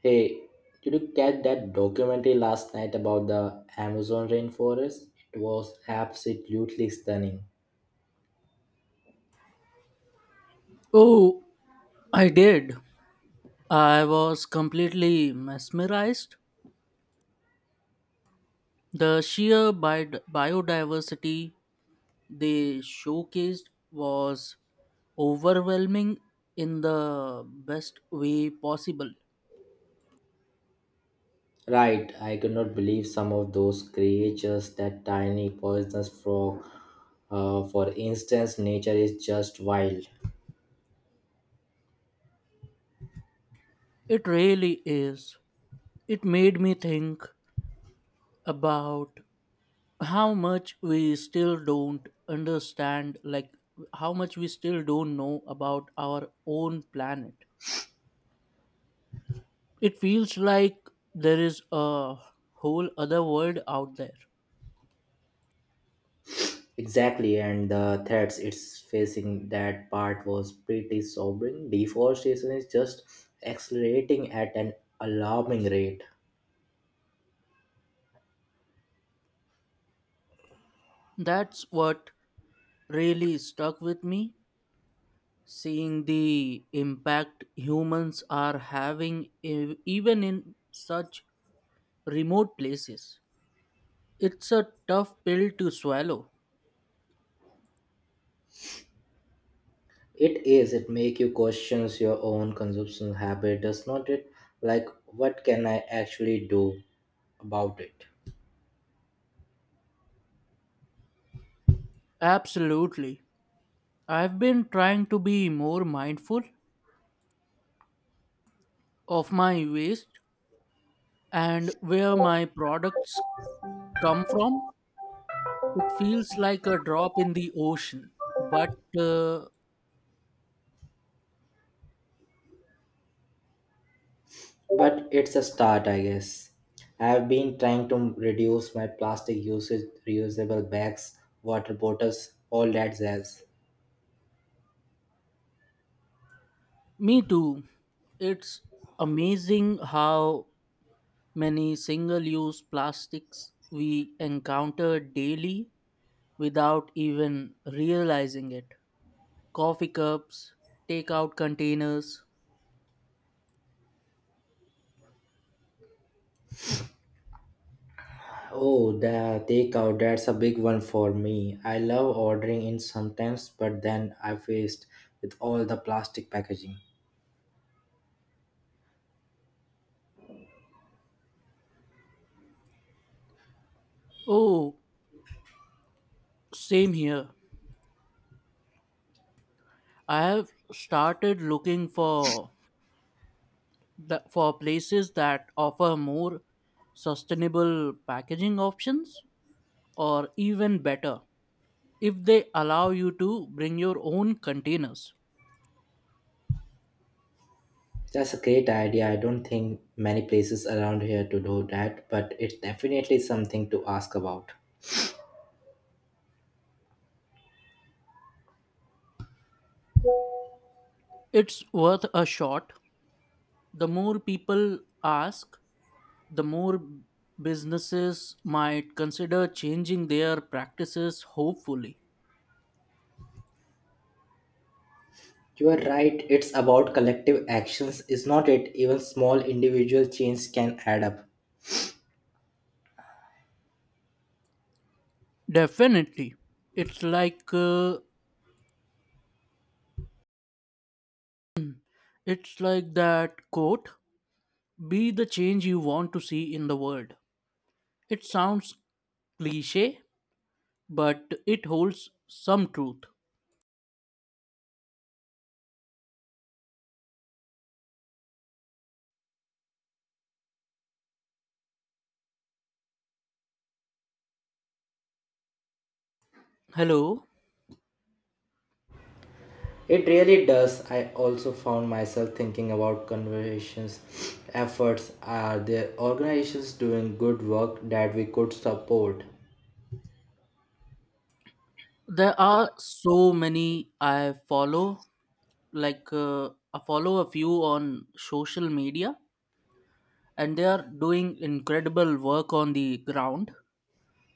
Hey, did you catch that documentary last night about the Amazon rainforest? It was absolutely stunning. Oh, I did. I was completely mesmerized. The sheer biodiversity they showcased was overwhelming in the best way possible. Right, I could not believe some of those creatures, that tiny poisonous frog, for instance, nature is just wild. It really is. It made me think about how much we still don't understand, like how much we still don't know about our own planet. It feels like there is a whole other world out there. Exactly, and the threats it's facing, that part was pretty sobering. Deforestation is just accelerating at an alarming rate. That's what really stuck with me. Seeing the impact humans are having, even in such remote places, it's a tough pill to swallow. It is. It make you questions your own consumption habit, does not it? Like, what can I actually do about it? Absolutely. I've been trying to be more mindful of my waste and where my products come from. It feels like a drop in the ocean, but uh, But it's a start, I guess. I have been trying to reduce my plastic usage, reusable bags, water bottles, all that jazz. me too. It's amazing how many single use plastics we encounter daily without even realizing it. Coffee cups, takeout containers. Oh, the takeout, that's a big one for me. I love ordering in sometimes, but then I faced with all the plastic packaging. Oh, same here. I have started looking for for places that offer more sustainable packaging options or even better if they allow you to bring your own containers. That's a great idea. I don't think many places around here to do that, but it's definitely something to ask about. It's worth a shot. The more people ask, the more businesses might consider changing their practices hopefully. You are right, it's about collective actions, is not it? Even small individual change can add up. Definitely. It's like uh, it's like that quote, be the change you want to see in the world. It sounds cliché, but it holds some truth. Hello. It really does. I also found myself thinking about conversations efforts. Are there organizations doing good work that we could support? There are so many I follow like uh, I follow a few on social media, and they are doing incredible work on the ground,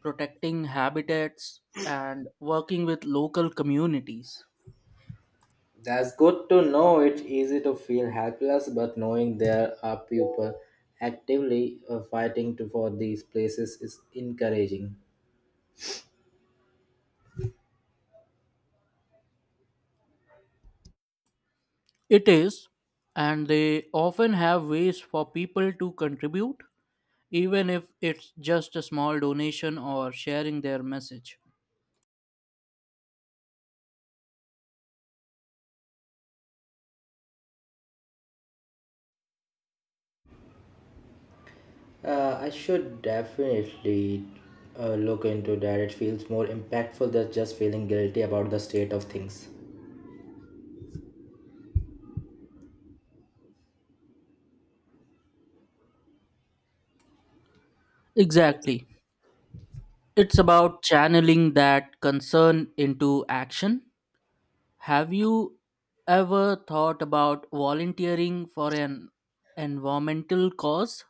protecting habitats and working with local communities. That's good to know. It's easy to feel helpless, but knowing there are people actively fighting to, for these places is encouraging. It is, and they often have ways for people to contribute, even if it's just a small donation or sharing their message. I should definitely look into that. It feels more impactful than just feeling guilty about the state of things. Exactly. It's about channeling that concern into action. Have you ever thought about volunteering for an environmental cause?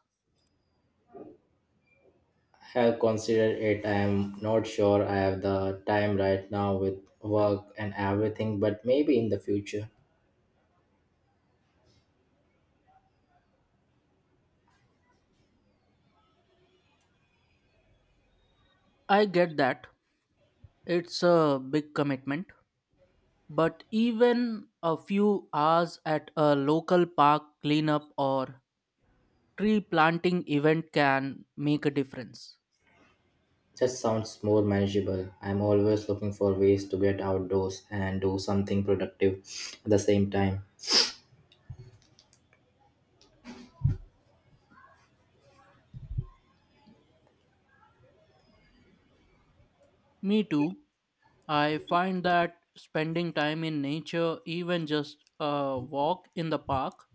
I have considered it. I am not sure I have the time right now with work and everything, but maybe in the future. I get that. It's a big commitment. But even a few hours at a local park cleanup or tree planting event can make a difference. That sounds more manageable. I'm always looking for ways to get outdoors and do something productive at the same time. Me too. I find that spending time in nature, even just a walk in the park,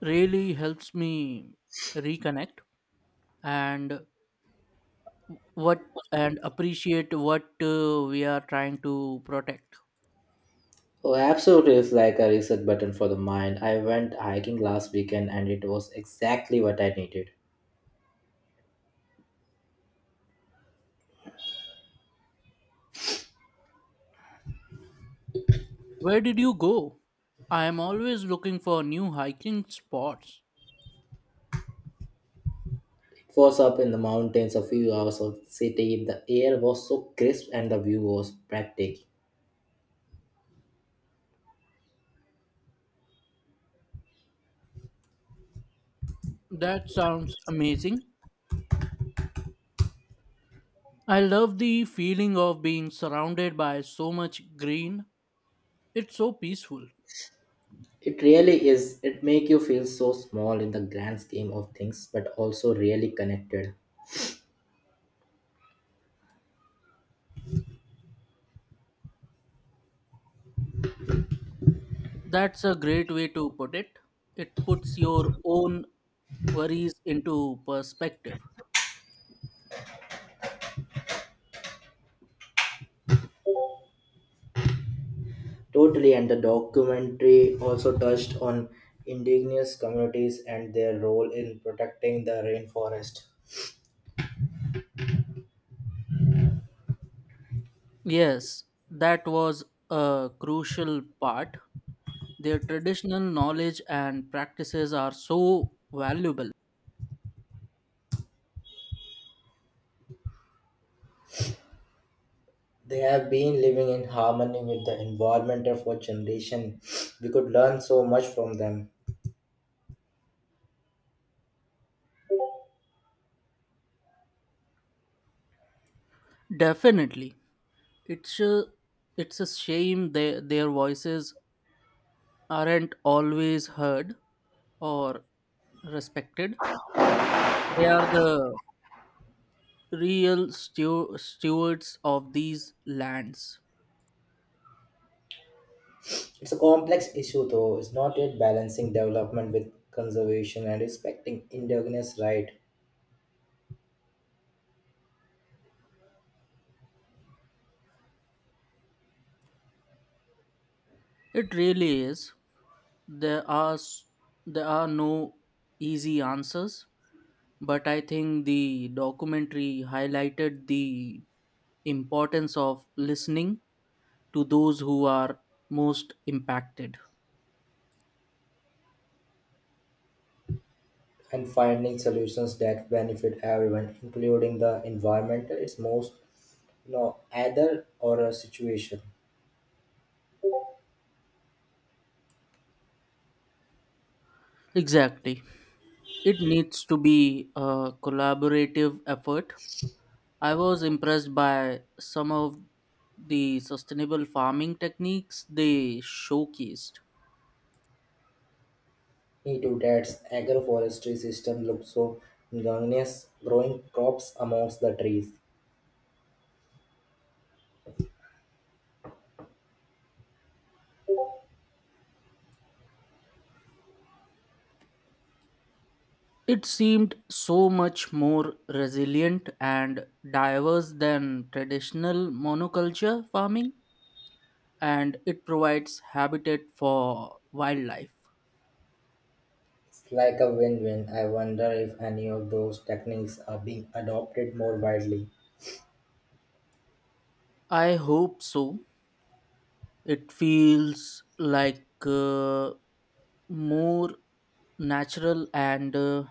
really helps me reconnect and what and appreciate what we are trying to protect. Oh, absolutely, it's like a reset button for the mind. I went hiking last weekend and it was exactly what I needed. Where did you go? I am always looking for new hiking spots. It was up in the mountains, a few hours of the city. The air was so crisp and the view was breathtaking. That sounds amazing. I love the feeling of being surrounded by so much green. It's so peaceful. It really is. It make you feel so small in the grand scheme of things, but also really connected. That's a great way to put it. It puts your own worries into perspective. Totally, and the documentary also touched on indigenous communities and their role in protecting the rainforest. Yes, that was a crucial part. Their traditional knowledge and practices are so valuable. They have been living in harmony with the environment for generations. We could learn so much from them. Definitely. It's a, it's a shame their voices aren't always heard or respected. They are the real stewards of these lands. It's a complex issue though. It's not yet balancing development with conservation and respecting indigenous rights It really is. There are s- there are no easy answers, but I think the documentary highlighted the importance of listening to those who are most impacted. and finding solutions that benefit everyone, including the environmental. It's most either or a situation. Exactly. It needs to be a collaborative effort. I was impressed by some of the sustainable farming techniques they showcased. Me too. Dad's agroforestry system looks so ingenious, growing crops amongst the trees. It seemed so much more resilient and diverse than traditional monoculture farming, and it provides habitat for wildlife. It's like a win-win. I wonder if any of those techniques are being adopted more widely. I hope so. It feels like more natural and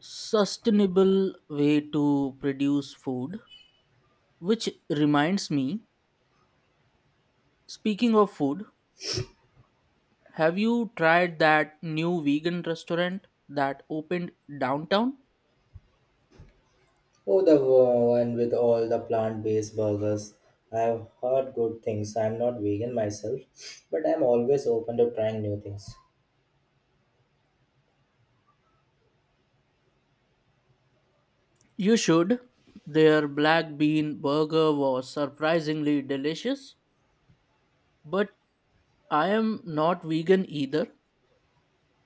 sustainable way to produce food. Which reminds me, speaking of food, have you tried that new vegan restaurant that opened downtown? Oh, the one with all the plant-based burgers. I've heard good things. I'm not vegan myself, but I'm always open to trying new things. You should. Their black bean burger was surprisingly delicious. But I am not vegan either.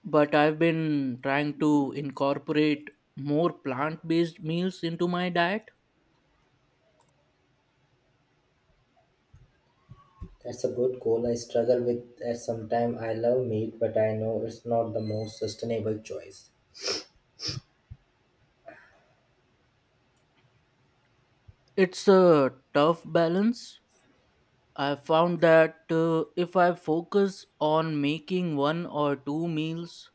But I've been trying to incorporate more plant based meals into my diet. That's a good goal. I struggle with that sometimes. I love meat, but I know it's not the most sustainable choice. It's a tough balance. I found that if I focus on making one or two meals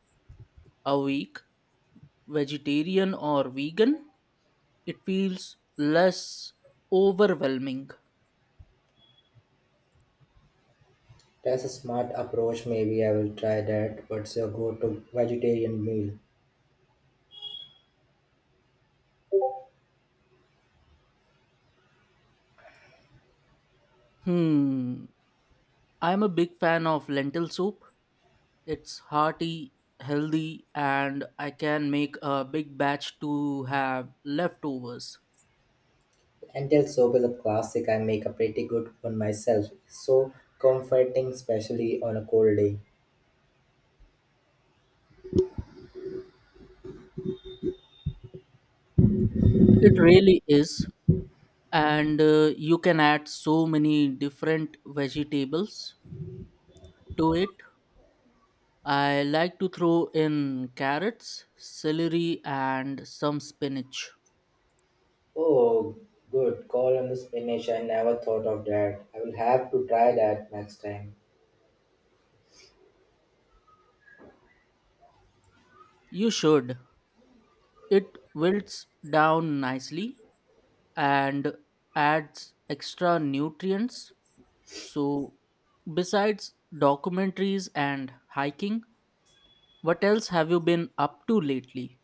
a week, vegetarian or vegan, it feels less overwhelming. That's a smart approach. Maybe I will try that. What's your go-to vegetarian meal? Hmm. I'm a big fan of lentil soup. It's hearty, healthy, and I can make a big batch to have leftovers. Lentil soup is a classic. I make a pretty good one myself. So comforting, especially on a cold day. It really is. And you can add so many different vegetables to it. I like to throw in carrots, celery, and some spinach. Oh, good. Call on the spinach. I never thought of that. I will have to try that next time. You should. It wilts down nicely and adds extra nutrients. So, besides documentaries and hiking, what else have you been up to lately?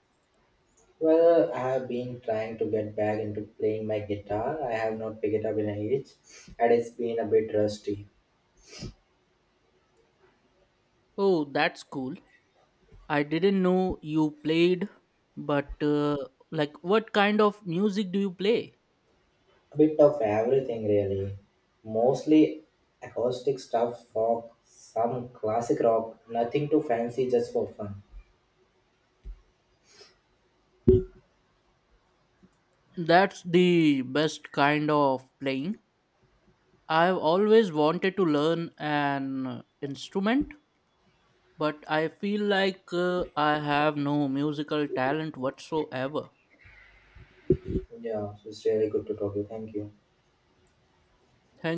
Well, I have been trying to get back into playing my guitar. I have not picked it up in a age, and it's been a bit rusty. Oh, that's cool. I didn't know you played, but uh, what kind of music do you play? A bit of everything, really, mostly acoustic stuff, folk, some classic rock, nothing too fancy, just for fun. That's the best kind of playing. I've always wanted to learn an instrument, but I feel like I have no musical talent whatsoever. Yeah, so it's really good to talk to you. Thank you. Thank